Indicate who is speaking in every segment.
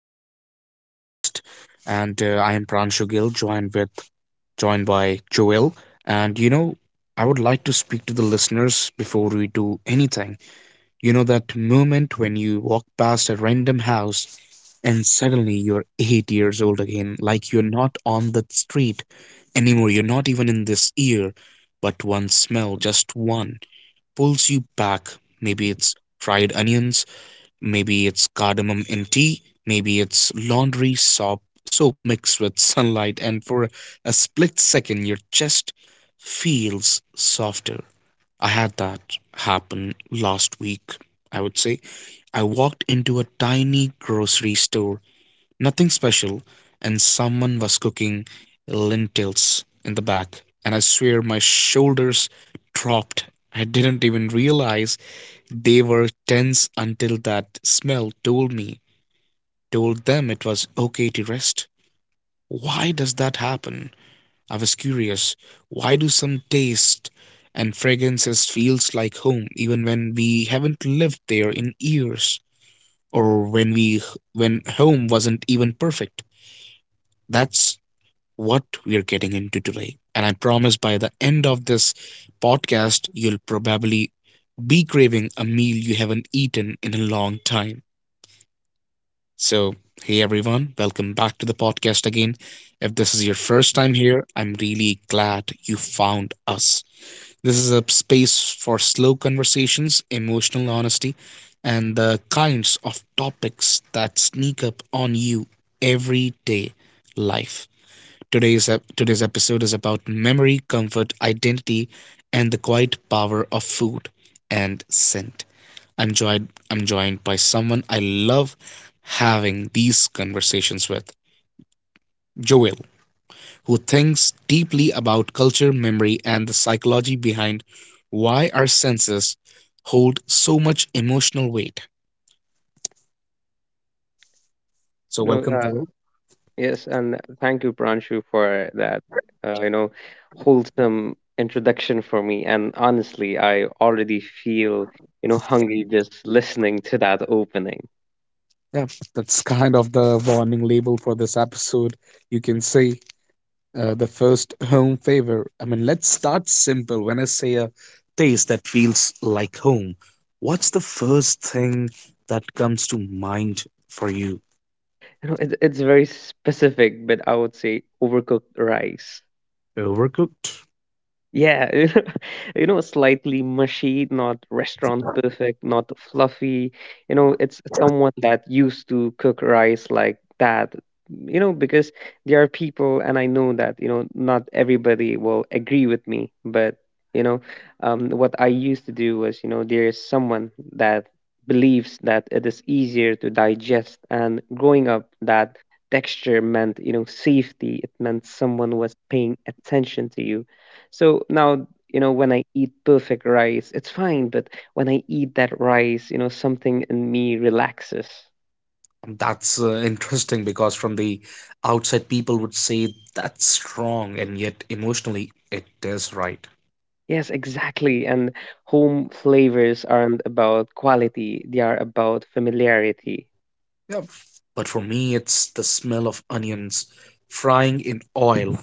Speaker 1: Welcome to the podcast, and I am Pranshu Gill, joined by Joel. And you know, I would like to speak to the listeners before we do anything. You know that moment when you walk past a random house, and suddenly you're 8 years old again, like you're not on the street anymore. You're not even in this year, but one smell, just one, pulls you back. Maybe it's fried onions. Maybe it's cardamom in tea, maybe it's laundry soap mixed with sunlight. And for a split second your chest feels softer. I had that happen last week, I would say. I walked into a tiny grocery store, nothing special, and someone was cooking lentils in the back. And I swear my shoulders dropped. I didn't even realize they were tense until that smell told them it was okay to rest. Why does that happen? I was curious. Why do some tastes and fragrances feels like home even when we haven't lived there in years, or when home wasn't even perfect? That's what we're getting into today. And I promise by the end of this podcast you'll probably be craving a meal you haven't eaten in a long time. So, hey everyone, welcome back to the podcast again. If this is your first time here, I'm really glad you found us. This is a space for slow conversations, emotional honesty, and the kinds of topics that sneak up on you everyday life. Today's episode is about memory, comfort, identity, and the quiet power of food and scent. I'm joined by someone I love having these conversations with, Joel, who thinks deeply about culture, memory and the psychology behind why our senses hold so much emotional weight. So
Speaker 2: You know,
Speaker 1: welcome,
Speaker 2: uh,
Speaker 1: Joel.
Speaker 2: yes, and thank you, Pranshu, for that, uh, you know, wholesome introduction for me. And honestly, I already feel, hungry just listening to that opening.
Speaker 1: Yeah, that's kind of the warning label for this episode, you can say. The first home favor. I mean, let's start simple. When I say a taste that feels like home, what's the first thing that comes to mind for you?
Speaker 2: It's very specific, but I would say overcooked rice.
Speaker 1: Overcooked?
Speaker 2: Yeah, slightly mushy, not restaurant perfect, not fluffy. It's someone that used to cook rice like that. Because there are people, and I know that, not everybody will agree with me, but you know, what I used to do was, there is someone that believes that it is easier to digest, and growing up, that texture meant, safety. It meant someone was paying attention to you. So now, when I eat perfect rice, it's fine, but when I eat that rice, something in me relaxes.
Speaker 1: That's interesting because from the outside, people would say that's wrong, and yet emotionally, it is right.
Speaker 2: Yes, exactly. And home flavors aren't about quality, they are about familiarity.
Speaker 1: Yeah. But for me, it's the smell of onions frying in oil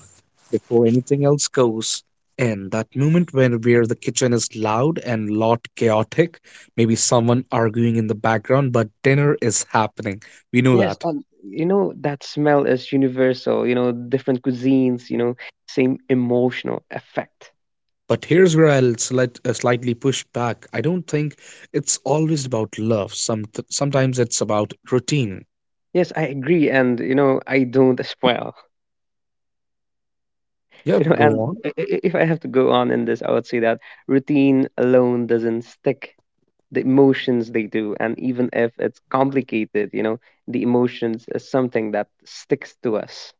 Speaker 1: before anything else goes. And that moment when where the kitchen is loud and lot chaotic, maybe someone arguing in the background, but dinner is happening. We know
Speaker 2: Yes,
Speaker 1: that.
Speaker 2: and that smell is universal, different cuisines, same emotional effect.
Speaker 1: But here's where I'll slightly push back. I don't think it's always about love. Sometimes it's about routine.
Speaker 2: Yes, I agree. And, I don't as well.
Speaker 1: Yeah, go on.
Speaker 2: If I have to go on in this, I would say that routine alone doesn't stick, the emotions they do, and even if it's complicated, the emotions is something that sticks to us.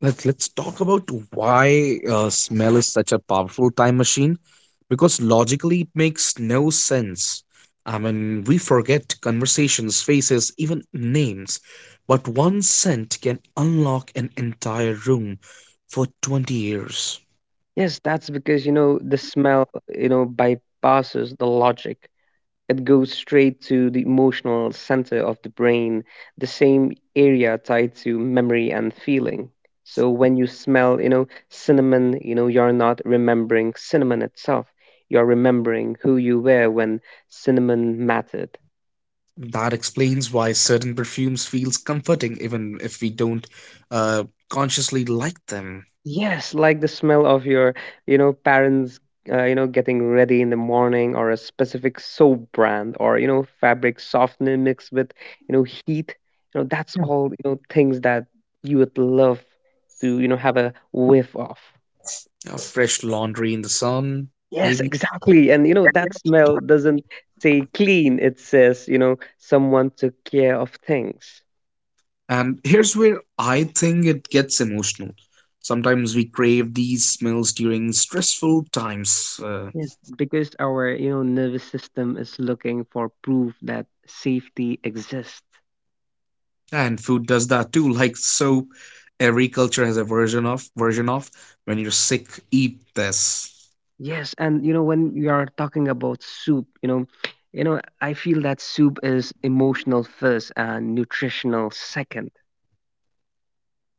Speaker 1: Let's talk about why smell is such a powerful time machine. Because logically, it makes no sense. I mean, we forget conversations, faces, even names. But one scent can unlock an entire room for 20 years.
Speaker 2: Yes, that's because the smell bypasses the logic, it goes straight to the emotional center of the brain, the same area tied to memory and feeling. So when you smell, cinnamon, you're not remembering cinnamon itself, you're remembering who you were when cinnamon mattered.
Speaker 1: That explains why certain perfumes feels comforting even if we don't consciously like them.
Speaker 2: Yes, like the smell of your, parents, getting ready in the morning, or a specific soap brand, or fabric softener mixed with, heat. That's
Speaker 1: Yeah.
Speaker 2: all, things that you would love to, have a whiff of.
Speaker 1: Fresh laundry in the sun,
Speaker 2: Yes,
Speaker 1: maybe.
Speaker 2: exactly. And that smell doesn't say clean, it says, someone took care of things.
Speaker 1: And here's where I think it gets emotional. Sometimes we crave these smells during stressful times,
Speaker 2: Yes, because our nervous system is looking for proof that safety exists.
Speaker 1: and food does that too. Like soap, every culture has a version of when you're sick, eat this.
Speaker 2: Yes, and when you are talking about soup, I feel that soup is emotional first and nutritional second.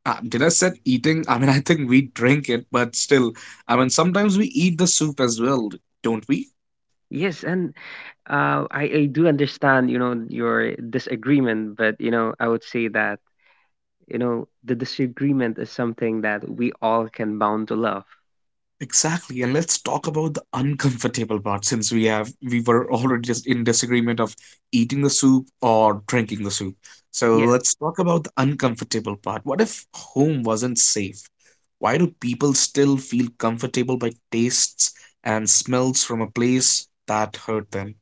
Speaker 1: Did I said eating? I mean, I think we drink it, but still, I mean, sometimes we eat the soup as well, don't we?
Speaker 2: Yes, and I do understand your disagreement, but I would say that the disagreement is something that we all can bound to love.
Speaker 1: Exactly, and let's talk about the uncomfortable part since we were already just in disagreement of eating the soup or drinking the soup. So
Speaker 2: Yes.
Speaker 1: let's talk about the uncomfortable part. What if home wasn't safe? Why do people still feel comfortable by tastes and smells from a place that hurt them?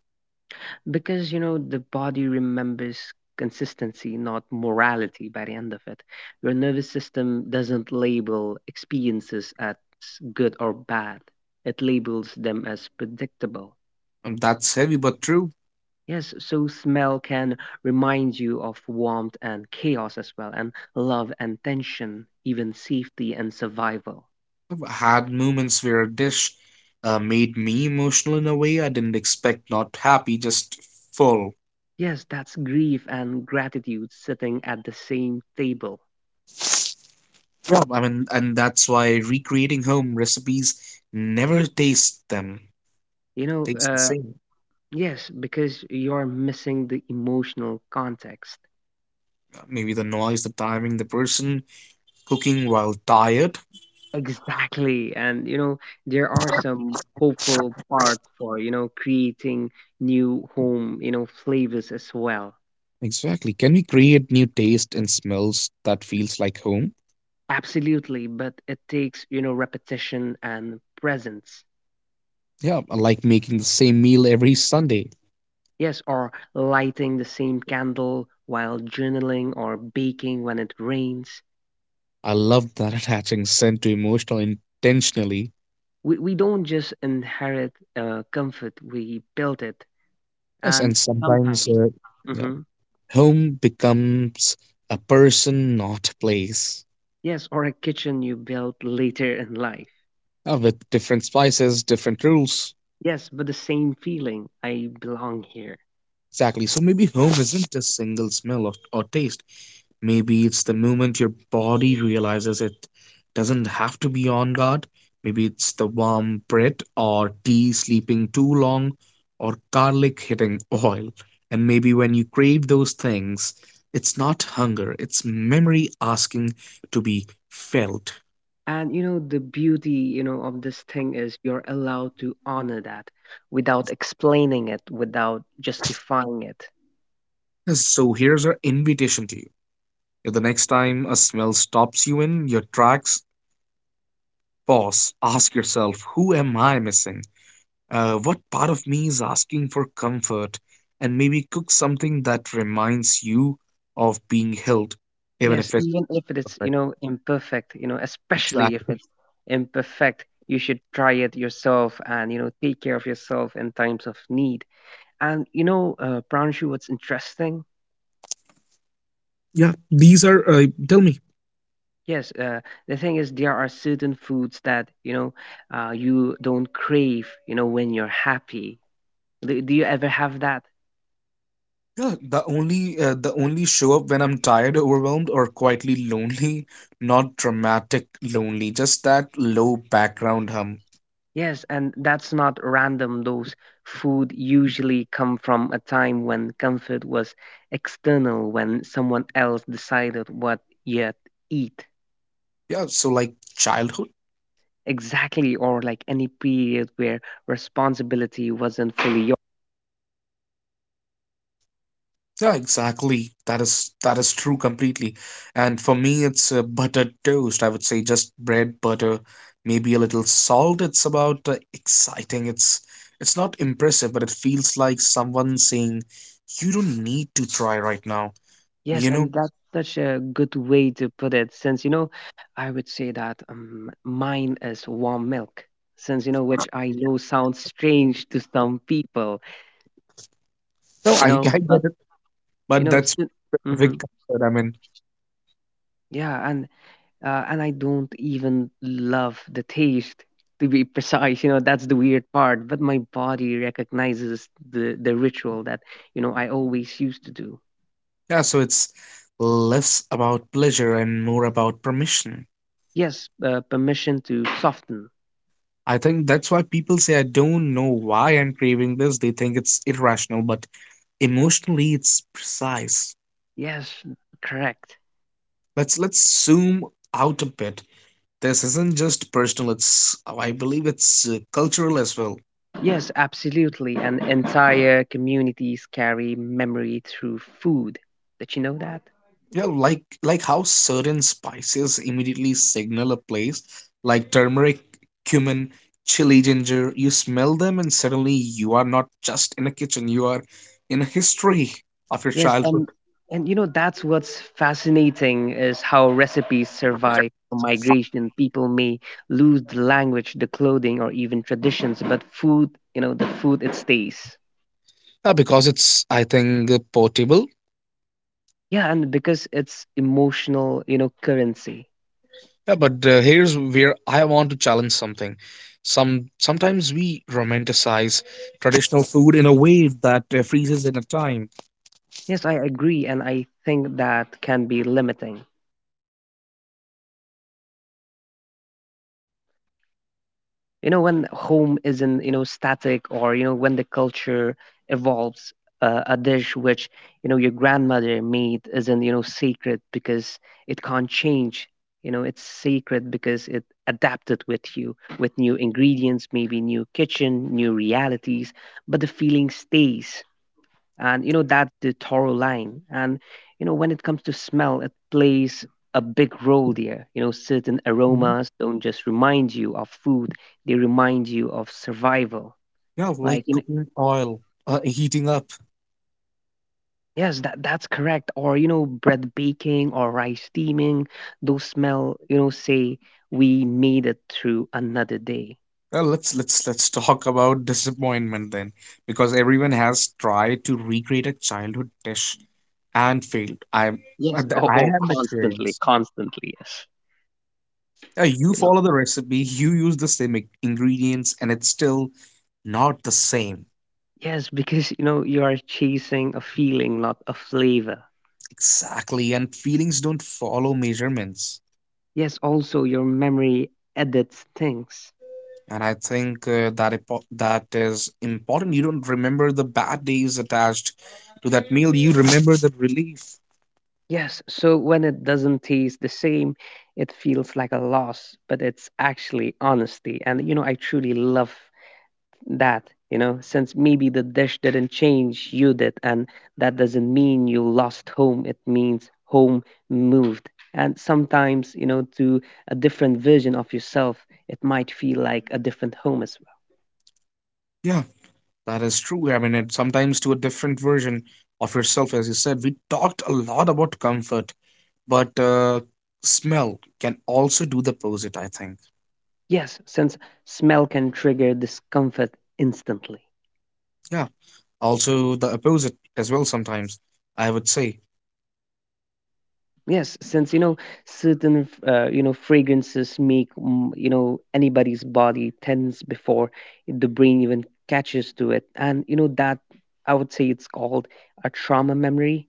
Speaker 2: Because the body remembers consistency not morality. By the end of it, your nervous system doesn't label experiences as good or bad, it labels them as predictable.
Speaker 1: And that's heavy but true.
Speaker 2: Yes, so smell can remind you of warmth and chaos as well, and love and tension, even safety and survival.
Speaker 1: I've had moments where a dish made me emotional in a way I didn't expect, not happy, just full.
Speaker 2: Yes, that's grief and gratitude sitting at the same table.
Speaker 1: Yeah, I mean, and that's why recreating home recipes never taste them,
Speaker 2: you know
Speaker 1: taste the
Speaker 2: uh.
Speaker 1: same.
Speaker 2: Yes, because you're missing the emotional context.
Speaker 1: Maybe the noise, the timing, the person cooking while tired.
Speaker 2: Exactly. And, there are some hopeful parts for, creating new home, flavors as well.
Speaker 1: Exactly. Can we create new taste and smells that feels like home?
Speaker 2: Absolutely. But it takes, repetition and presence.
Speaker 1: Yeah, I like making the same meal every Sunday.
Speaker 2: Yes, or lighting the same candle while journaling or baking when it rains.
Speaker 1: I love that attaching scent to emotional intentionally.
Speaker 2: We don't just inherit comfort, we build it.
Speaker 1: Yes, and
Speaker 2: And sometimes,
Speaker 1: yeah,
Speaker 2: mhm.
Speaker 1: home becomes a person, not a place.
Speaker 2: Yes, or a kitchen you built later in life.
Speaker 1: With different spices, different rules.
Speaker 2: Yes, but the same feeling, I belong here.
Speaker 1: Exactly. So maybe home isn't a single smell of, or taste. Maybe it's the moment your body realizes it doesn't have to be on guard. Maybe it's the warm bread or tea sleeping too long or garlic hitting oil. And maybe when you crave those things, it's not hunger, it's memory asking to be felt.
Speaker 2: And the beauty, of this thing is you're allowed to honor that without explaining it, without justifying it.
Speaker 1: So here's our invitation to you. If the next time a smell stops you in your tracks, pause, ask yourself, who am I missing? What part of me is asking for comfort? And maybe cook something that reminds you of being held, even
Speaker 2: Yes,
Speaker 1: if it's
Speaker 2: even if it's,
Speaker 1: perfect.
Speaker 2: imperfect, especially if
Speaker 1: Exactly.
Speaker 2: it's imperfect, you should try it yourself and, take care of yourself in times of need. And Pranshu, what's interesting?
Speaker 1: Yeah, these are. Tell me.
Speaker 2: Yes, the thing is, there are certain foods that you don't crave, when you're happy. Do you ever have that?
Speaker 1: Yeah, the only show up when I'm tired, overwhelmed, or quietly lonely, not dramatic lonely, just that low background hum.
Speaker 2: Yes, and that's not random. Those food usually come from a time when comfort was external, when someone else decided what you'd eat.
Speaker 1: Yeah, so like childhood.
Speaker 2: Exactly, or like any period where responsibility wasn't fully.
Speaker 1: Yeah, exactly. That is true completely. And for me, it's buttered toast. I would say just bread, butter, maybe a little salt. It's about exciting. It's not impressive, but it feels like someone saying, "You don't need to try right now."
Speaker 2: Yes,
Speaker 1: You know?
Speaker 2: and that's such a good way to put it. Since, I would say that mine is warm milk, since, which I know sounds strange to some people,
Speaker 1: No,
Speaker 2: you
Speaker 1: I
Speaker 2: know, but,
Speaker 1: get it,
Speaker 2: you
Speaker 1: but
Speaker 2: know,
Speaker 1: that's
Speaker 2: si- Mhm.
Speaker 1: perfect comfort. I mean,
Speaker 2: Yeah, and I don't even love the taste, to be precise. You know, that's the weird part, but my body recognizes the ritual that, I always used to do.
Speaker 1: yeah. So it's less about pleasure and more about permission.
Speaker 2: Yes, permission to soften.
Speaker 1: I think that's why people say I don't know why I'm craving this. They think it's irrational, but emotionally it's precise.
Speaker 2: Yes, correct.
Speaker 1: Let's zoom out a bit. This isn't just personal, it's I believe it's cultural as well.
Speaker 2: Yes, absolutely. And entire communities carry memory through food. Did you know that?
Speaker 1: Yeah, like how certain spices immediately signal a place, like turmeric, cumin, chili, ginger. You smell them and suddenly you are not just in a kitchen, you are in a history of your
Speaker 2: Yes, and
Speaker 1: childhood.
Speaker 2: and that's what's fascinating is how recipes survive migration. People may lose the language, the clothing, or even traditions, but food, the food, it stays.
Speaker 1: Yeah, because it's, I think, portable.
Speaker 2: Yeah, and because it's emotional, currency.
Speaker 1: Yeah, but here's where I want to challenge something. Sometimes we romanticize traditional food in a way that freezes in a time.
Speaker 2: Yes, I agree, and I think that can be limiting. When home isn't static, or when the culture evolves, a dish which your grandmother made isn't sacred because it can't change. It's sacred because it adapted with you, with new ingredients, maybe new kitchen, new realities, but the feeling stays. And that's the thorough line. And when it comes to smell, it plays a big role there. Certain
Speaker 1: Mhm.
Speaker 2: aromas don't just remind you of food, they remind you of survival.
Speaker 1: Yeah, like
Speaker 2: Like
Speaker 1: cooking oil, heating up.
Speaker 2: yes, that that's correct. Or bread baking or rice steaming, those smell, say, we made it through another day.
Speaker 1: Well, let's talk about disappointment then, because everyone has tried to recreate a childhood dish and failed. I'm
Speaker 2: Yes, oh,
Speaker 1: I
Speaker 2: oh,
Speaker 1: have
Speaker 2: constantly,
Speaker 1: experience.
Speaker 2: constantly, yes.
Speaker 1: You
Speaker 2: you know
Speaker 1: follow the recipe, you use the ingredients, and it's still not the same
Speaker 2: yes, because you are chasing a feeling, not a flavor.
Speaker 1: exactly. And feelings don't follow measurements.
Speaker 2: Yes, also your memory edits things.
Speaker 1: And I think that is important. You don't remember the bad days attached to that meal. You remember the relief.
Speaker 2: Yes, so when it doesn't taste the same, it feels like a loss, but it's actually honesty. And I truly love that, since maybe the dish didn't change, you did. And that doesn't mean you lost home, it means home moved. And sometimes, to a different version of yourself, it might feel like a different home as well.
Speaker 1: Yeah, that is true. I mean, it sometimes to a different version of yourself, as you said. We talked a lot about comfort, but smell can also do the opposite, I think.
Speaker 2: Yes, since smell can trigger discomfort instantly.
Speaker 1: Yeah, also the opposite as well sometimes, I would say.
Speaker 2: Yes, since certain fragrances make anybody's body tense before the brain even catches to it, and that I would say it's called a trauma memory,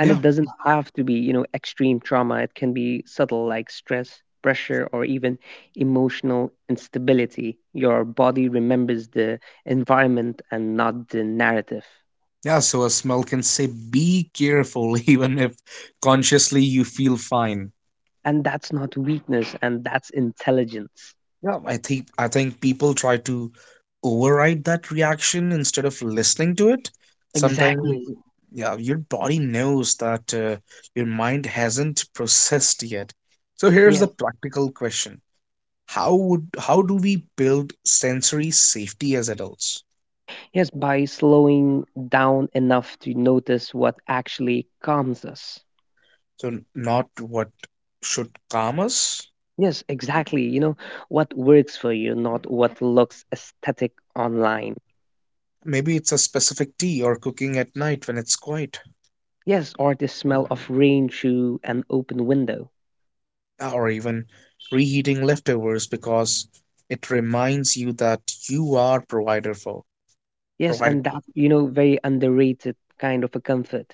Speaker 2: and it doesn't have to be extreme trauma. It can be subtle like stress, pressure, or even emotional instability. Your body remembers the environment and not the narrative.
Speaker 1: Yeah, so a smell can say be careful even if consciously you feel fine.
Speaker 2: And that's not weakness, and that's intelligence.
Speaker 1: Yeah, I think people try to override that reaction instead of listening to it. Sometimes
Speaker 2: Exactly.
Speaker 1: yeah, your body knows that your mind hasn't processed yet. So here's
Speaker 2: Yes.
Speaker 1: the practical question. How do we build sensory safety as adults?
Speaker 2: Yes, by slowing down enough to notice what actually calms us.
Speaker 1: So not what should calm us.
Speaker 2: Yes, exactly. What works for you, not what looks aesthetic online.
Speaker 1: Maybe it's a specific tea or cooking at night when it's quiet,
Speaker 2: Yes, or the smell of rain through an open window.
Speaker 1: or even reheating leftovers because it reminds you that you are provider for
Speaker 2: Yes,
Speaker 1: provided.
Speaker 2: and that very underrated kind of a comfort.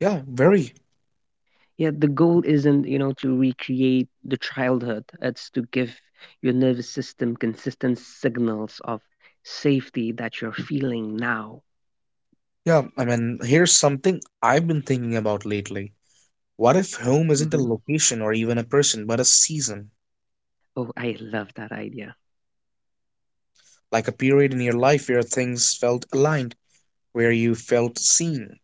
Speaker 1: Yeah, very.
Speaker 2: Yeah, the goal isn't, to recreate the childhood. It's to give your nervous system consistent signals of safety that you're feeling now.
Speaker 1: Yeah, I mean, here's something I've been thinking about lately. What if home isn't
Speaker 2: Hmm.
Speaker 1: a location or even a person, but a season?
Speaker 2: Oh, I love that idea.
Speaker 1: Like a period in your life where things felt aligned, where you felt seen.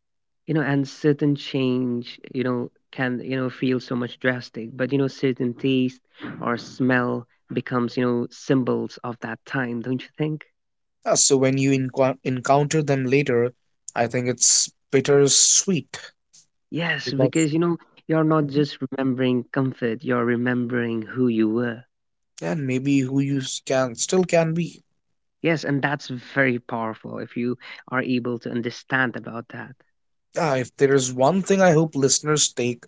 Speaker 2: You know, and certain change, can, feel so much drastic, but, certain taste or smell becomes, symbols of that time, don't you think?
Speaker 1: So when you enqu encounter them later, I think it's bittersweet
Speaker 2: Yes,
Speaker 1: because
Speaker 2: because, you're not just remembering comfort, you're remembering who you were.
Speaker 1: and maybe who you can still can be.
Speaker 2: Yes, and that's very powerful if you are able to understand about that.
Speaker 1: Yeah, if there is one thing I hope listeners take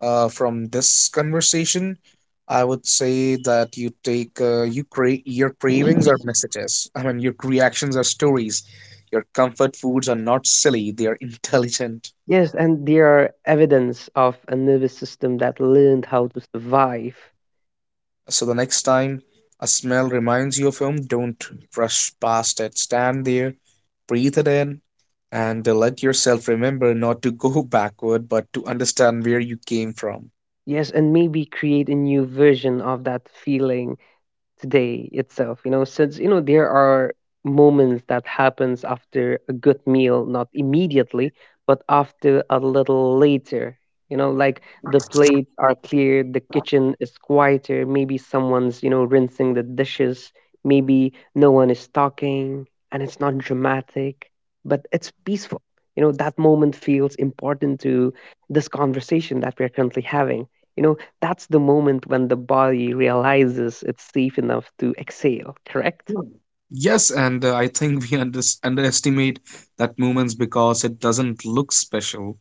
Speaker 1: from this conversation, I would say that you take your cravings are messages. I mean, your reactions are stories. Your comfort foods are not silly; they are intelligent.
Speaker 2: Yes, and there are evidence of a nervous system that learned how to survive.
Speaker 1: So the next time a smell reminds you of home, don't rush past it. Stand there, breathe it in, and let yourself remember not to go backward, but to understand where you came from.
Speaker 2: Yes, and maybe create a new version of that feeling today itself. Since there are moments that happens after a good meal, not immediately but after a little later. Like, the plates are cleared, the kitchen is quieter, maybe someone's rinsing the dishes, maybe no one is talking, and it's not dramatic, but it's peaceful. That moment feels important to this conversation that we're currently having. you know that's the moment when the body realizes it's safe enough to exhale, correct?
Speaker 1: Yes, and I think we underestimate that moments because it doesn't look special.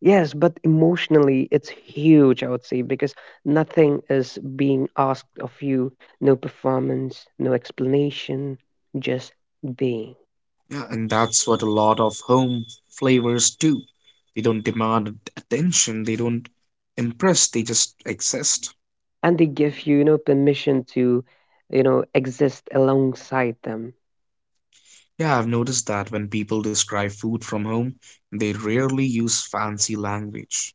Speaker 2: Yes, but emotionally, it's huge, I would say, because nothing is being asked of you. No performance, no explanation, just being.
Speaker 1: Yeah, and that's what a lot of home flavors do. They don't demand attention, they don't impress, they just exist.
Speaker 2: And they give you, permission to, exist alongside them.
Speaker 1: Yeah, I've noticed that when people describe food from home, they rarely use fancy language.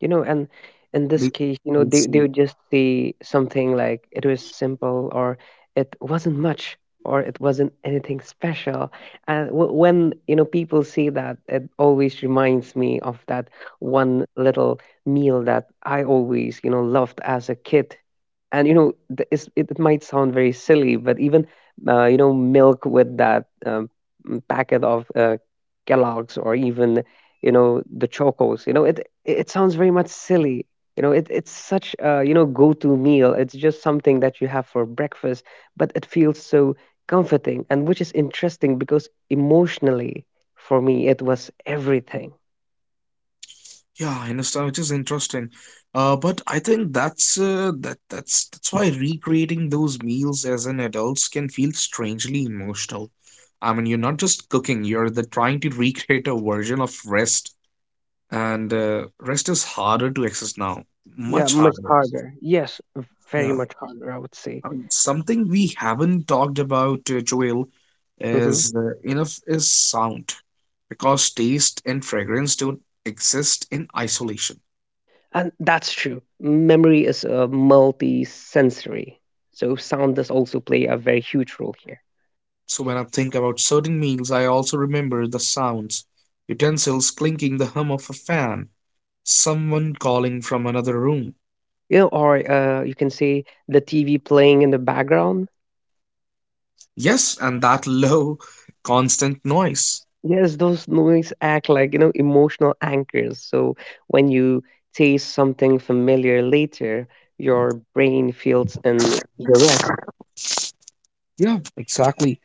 Speaker 2: You know and In this
Speaker 1: They,
Speaker 2: case,
Speaker 1: they
Speaker 2: they,
Speaker 1: say,
Speaker 2: they would just say something like, it was simple, or it wasn't much, or it wasn't anything special. And when people say that, it always reminds me of that one little meal that I always loved as a kid. And it might sound very silly, but even milk with that packet of Kellogg's, or even the Chocos. You know, it sounds very much silly. You know, it's such a go-to meal. It's just something that you have for breakfast, but it feels so comforting, and which is interesting because emotionally, for me, it was everything.
Speaker 1: yeah, I understand, which is interesting. But I think that's why recreating those meals as an adults can feel strangely emotional. I mean, you're not just cooking, you're the trying to recreate a version of rest and rest is harder to access now,
Speaker 2: Yeah,
Speaker 1: much
Speaker 2: much
Speaker 1: harder.
Speaker 2: harder. Yes, very
Speaker 1: Yeah,
Speaker 2: much harder, I would say.
Speaker 1: I mean, something we haven't talked about, Joel,
Speaker 2: Hmm.
Speaker 1: is enough is sound, because taste and fragrance don't exist in isolation.
Speaker 2: And that's true. Memory is multi-sensory, so sound does also play a very huge role here.
Speaker 1: So when I think about certain meals, I also remember the sounds, utensils clinking, the hum of a fan, someone calling from another room.
Speaker 2: You know, or you can say the TV playing in the background.
Speaker 1: Yes, and that low, constant noise.
Speaker 2: Yes, those noise act like, you know, emotional anchors. So when you taste something familiar later, your brain feels in the rest.
Speaker 1: Yeah, exactly,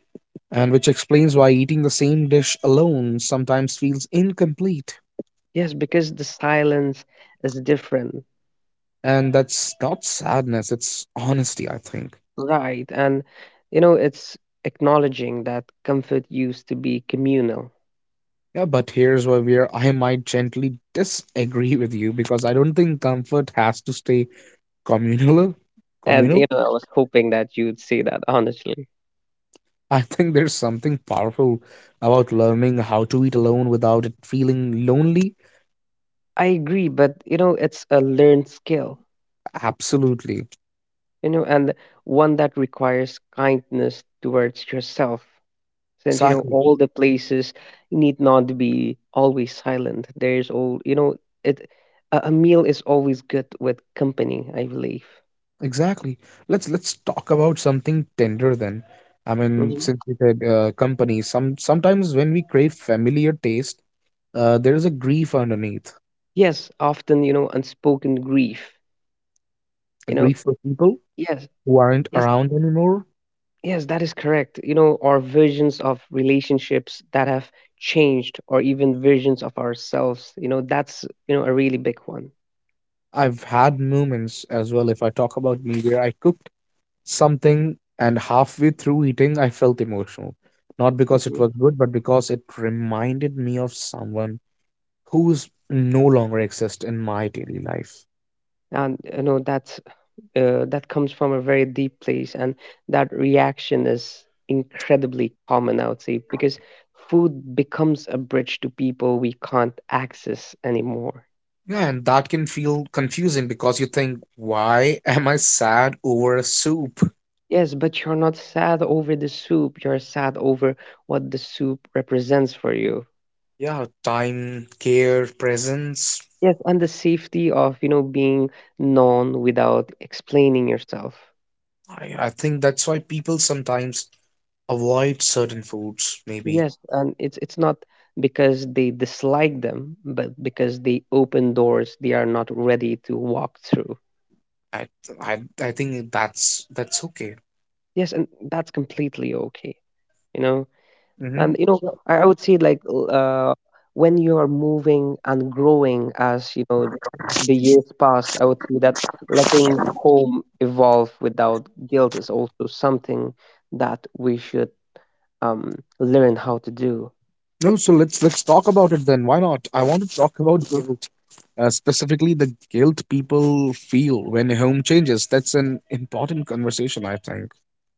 Speaker 1: and which explains why eating the same dish alone sometimes feels incomplete.
Speaker 2: Yes, because the silence is different,
Speaker 1: And that's not sadness, it's honesty, I think.
Speaker 2: right? And you know, it's acknowledging that comfort used to be communal.
Speaker 1: Yeah, but here's where I might gently disagree with you because I don't think comfort has to stay communal.
Speaker 2: And
Speaker 1: Communal.
Speaker 2: you know, I was hoping that you'd say that honestly.
Speaker 1: I think there's something powerful about learning how to eat alone without it feeling lonely.
Speaker 2: I agree, but you know, it's a learned skill,
Speaker 1: Absolutely.
Speaker 2: you know, and one that requires kindness towards yourself. Since you know
Speaker 1: Exactly.
Speaker 2: all the places need not be always silent. There's all you know it. A meal is always good with company, I believe.
Speaker 1: Exactly. Let's talk about something tender then. I mean,
Speaker 2: Mhm.
Speaker 1: since we said company, sometimes when we crave familiar taste, there is a grief underneath,
Speaker 2: Yes, often you know unspoken grief.
Speaker 1: a
Speaker 2: You know,
Speaker 1: grief for people
Speaker 2: yes,
Speaker 1: who aren't
Speaker 2: yes,
Speaker 1: around anymore.
Speaker 2: yes, that is correct. You know, or visions of relationships that have changed, or even visions of ourselves. You know, that's you know a really big one.
Speaker 1: I've had moments as well, if I talk about me, where I cooked something and halfway through eating, I felt emotional. Not because it
Speaker 2: Mhm.
Speaker 1: was good, but because it reminded me of someone who's no longer exists in my daily life.
Speaker 2: And you know that's that comes from a very deep place, and that reaction is incredibly common, I would say, because food becomes a bridge to people we can't access anymore.
Speaker 1: Yeah, and that can feel confusing because you think, why am I sad over a soup?
Speaker 2: Yes, but you're not sad over the soup, you're sad over what the soup represents for you.
Speaker 1: Yeah, time, care, presence.
Speaker 2: Yes, and the safety of, you know, being known without explaining yourself.
Speaker 1: I think that's why people sometimes avoid certain foods, maybe.
Speaker 2: Yes, and it's not because they dislike them, but because they open doors they are not ready to walk through.
Speaker 1: I I think that's okay.
Speaker 2: Yes, and that's completely okay, you know.
Speaker 1: Mm-hmm.
Speaker 2: And you know,
Speaker 1: Yeah.
Speaker 2: I would say like when you are moving and growing as you know the years pass, I would say that letting home evolve without guilt is also something that we should learn how to do.
Speaker 1: No, so let's talk about it then. Why not? I want to talk about guilt, specifically the guilt people feel when home changes. That's an important conversation, I think.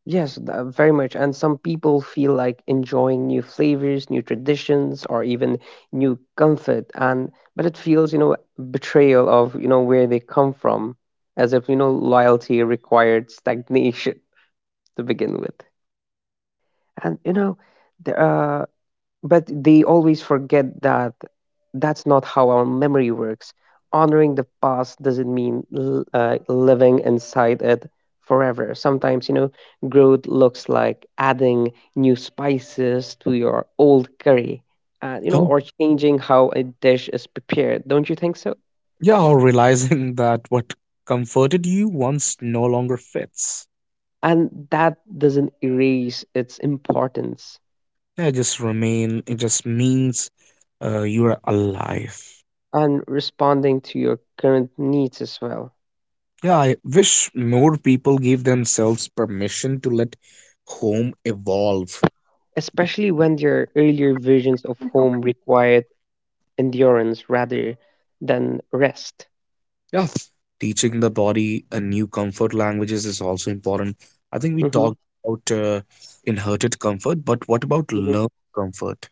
Speaker 2: Yes, very much. And some people feel like enjoying new flavors, new traditions, or even new comfort. And but it feels, you know, betrayal of, you know, where they come from, as if, you know, loyalty required stagnation to begin with. And you know, there, uh, but they always forget that that's not how our memory works. Honoring the past doesn't mean living inside it forever. Sometimes, you know, growth looks like adding new spices to your old curry, you know, or changing how a dish is prepared. Don't you think so?
Speaker 1: Yeah, or realizing that what comforted you once no longer fits.
Speaker 2: And that doesn't erase its importance,
Speaker 1: Yeah, it just remain. It just means you are alive.
Speaker 2: and responding to your current needs as well,
Speaker 1: Yeah, I wish more people gave themselves permission to let home evolve.
Speaker 2: especially when your earlier versions of home required endurance rather than rest.
Speaker 1: Yeah, teaching the body a new comfort languages is also important. I think we
Speaker 2: Hmm.
Speaker 1: talked about inherited comfort, but what about learned
Speaker 2: Hmm.
Speaker 1: comfort?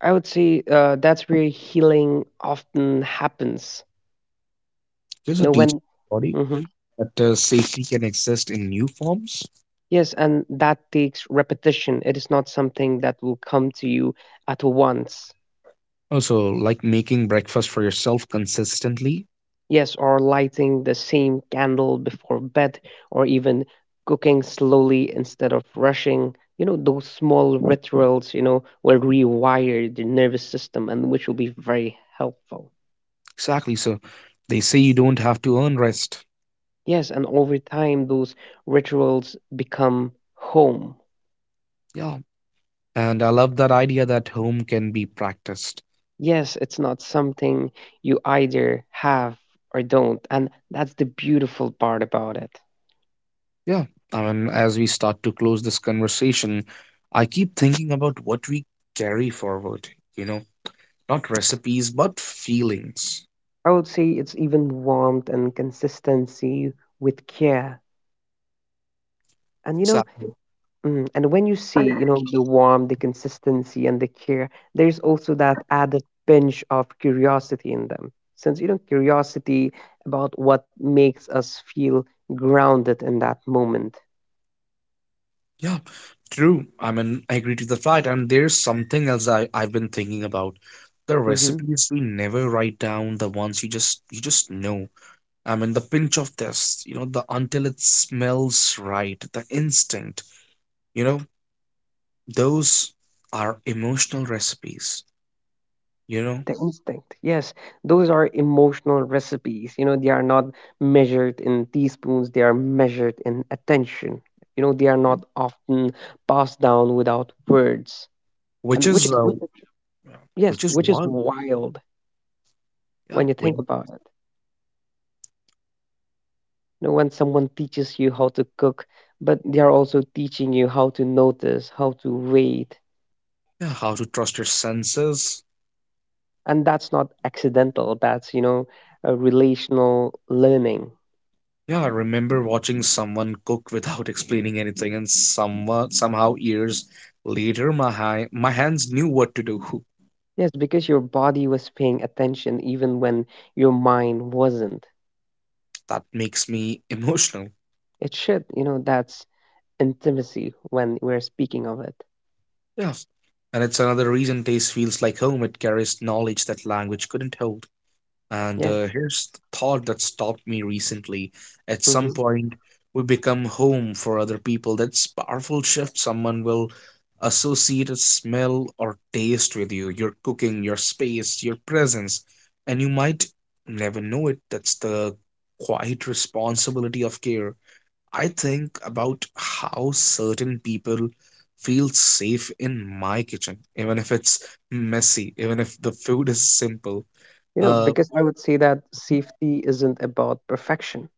Speaker 2: I would say that's where healing often happens.
Speaker 1: Just
Speaker 2: You
Speaker 1: a
Speaker 2: know,
Speaker 1: teaching
Speaker 2: when
Speaker 1: the body
Speaker 2: hmm.
Speaker 1: that safety can exist in new forms.
Speaker 2: Yes, and that takes repetition. It is not something that will come to you at once.
Speaker 1: Also, like making breakfast for yourself consistently.
Speaker 2: Yes, or lighting the same candle before bed, or even cooking slowly instead of rushing. You know, those small rituals, you know, will rewire the nervous system, and which will be very helpful.
Speaker 1: Exactly. So they say you don't have to earn rest.
Speaker 2: Yes, and over time, those rituals become home.
Speaker 1: Yeah. And I love that idea that home can be practiced.
Speaker 2: Yes, it's not something you either have or don't. And that's the beautiful part about it.
Speaker 1: Yeah. I mean, as we start to close this conversation, I keep thinking about what we carry forward, you know, not recipes, but feelings.
Speaker 2: I would say it's even warmth and consistency with care. And you know,
Speaker 1: Exactly.
Speaker 2: mm, and when you see, you know, the warmth, the consistency, and the care, there's also that added pinch of curiosity in them. Since, you know, curiosity about what makes us feel grounded in that moment.
Speaker 1: Yeah. True. I mean, I agree to the fact. And there's something else I've been thinking about. The
Speaker 2: Mm-hmm.
Speaker 1: recipes we never write down, the ones you just know. I mean, the pinch of this, you know, the until it smells right, the instinct, you know, those are emotional recipes, you know,
Speaker 2: The instinct, yes, those are emotional recipes, you know, they are not measured in teaspoons, they are measured in attention, you know, they are not often passed down without words,
Speaker 1: which
Speaker 2: and
Speaker 1: is, uh,
Speaker 2: yes,
Speaker 1: which is
Speaker 2: which is
Speaker 1: why,
Speaker 2: wild
Speaker 1: yeah,
Speaker 2: when you think
Speaker 1: when,
Speaker 2: about it. You know, when someone teaches you how to cook, but they are also teaching you how to notice, how to wait,
Speaker 1: yeah, how to trust your senses.
Speaker 2: and that's not accidental, that's you know a relational learning.
Speaker 1: Yeah, I remember watching someone cook without explaining anything, and somewhat somehow years later, my hands knew what to do.
Speaker 2: Yes, because your body was paying attention even when your mind wasn't.
Speaker 1: That makes me emotional.
Speaker 2: It should, you know, that's intimacy when we're speaking of it.
Speaker 1: Yeah, and it's another reason taste feels like home. It carries knowledge that language couldn't hold. And
Speaker 2: Yeah.
Speaker 1: here's the thought that stopped me recently. At
Speaker 2: Hmm.
Speaker 1: some point, we become home for other people. That's powerful shift. Someone will associate a smell or taste with you, your cooking, your space, your presence, and you might never know it. That's the quiet responsibility of care. I think about how certain people feel safe in my kitchen, even if it's messy, even if the food is simple.
Speaker 2: You know,
Speaker 1: Uh,
Speaker 2: because I would say that safety isn't about perfection.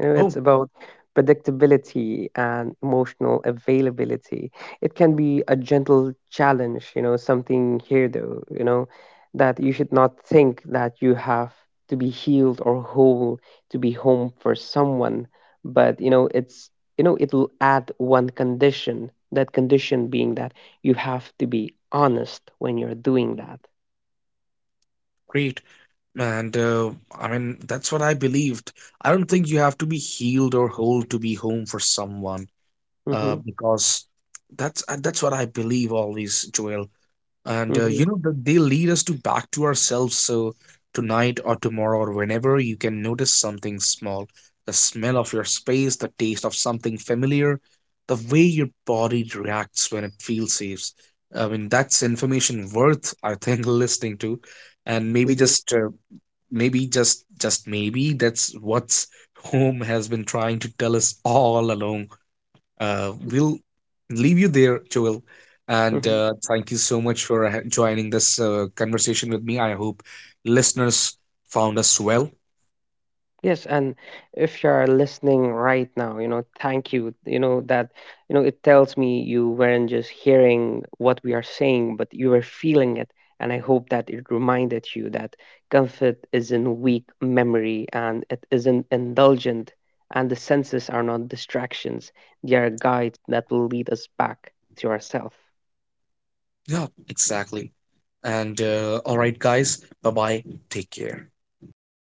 Speaker 2: You know, it's
Speaker 1: Oh,
Speaker 2: about predictability and emotional availability. It can be a gentle challenge, you know, something here though, you know, that you should not think that you have to be healed or whole to be home for someone. But, you know, it's, you know, it'll add one condition, that condition being that you have to be honest when you're doing that.
Speaker 1: great. And I mean, that's what I believed. I don't think you have to be healed or whole to be home for someone,
Speaker 2: Mm-hmm.
Speaker 1: because that's what I believe always, Joel. And
Speaker 2: Mm-hmm.
Speaker 1: you know that they lead us to back to ourselves. So tonight or tomorrow or whenever you can notice something small, the smell of your space, the taste of something familiar, the way your body reacts when it feels safe. I mean, that's information worth, I think, listening to, and maybe
Speaker 2: Mm-hmm.
Speaker 1: just. Maybe just maybe that's what's home has been trying to tell us all along. We'll leave you there, Joel, and thank you so much for joining this conversation with me. I hope listeners found us well.
Speaker 2: Yes, and if you're listening right now, you know, thank you. You know, that, you know, it tells me you weren't just hearing what we are saying, but you were feeling it. And I hope that it reminded you that comfort isn't weak memory, and it isn't indulgent. And the senses are not distractions, they are guides that will lead us back to ourselves.
Speaker 1: Yeah, exactly, and all right guys, bye bye, take care.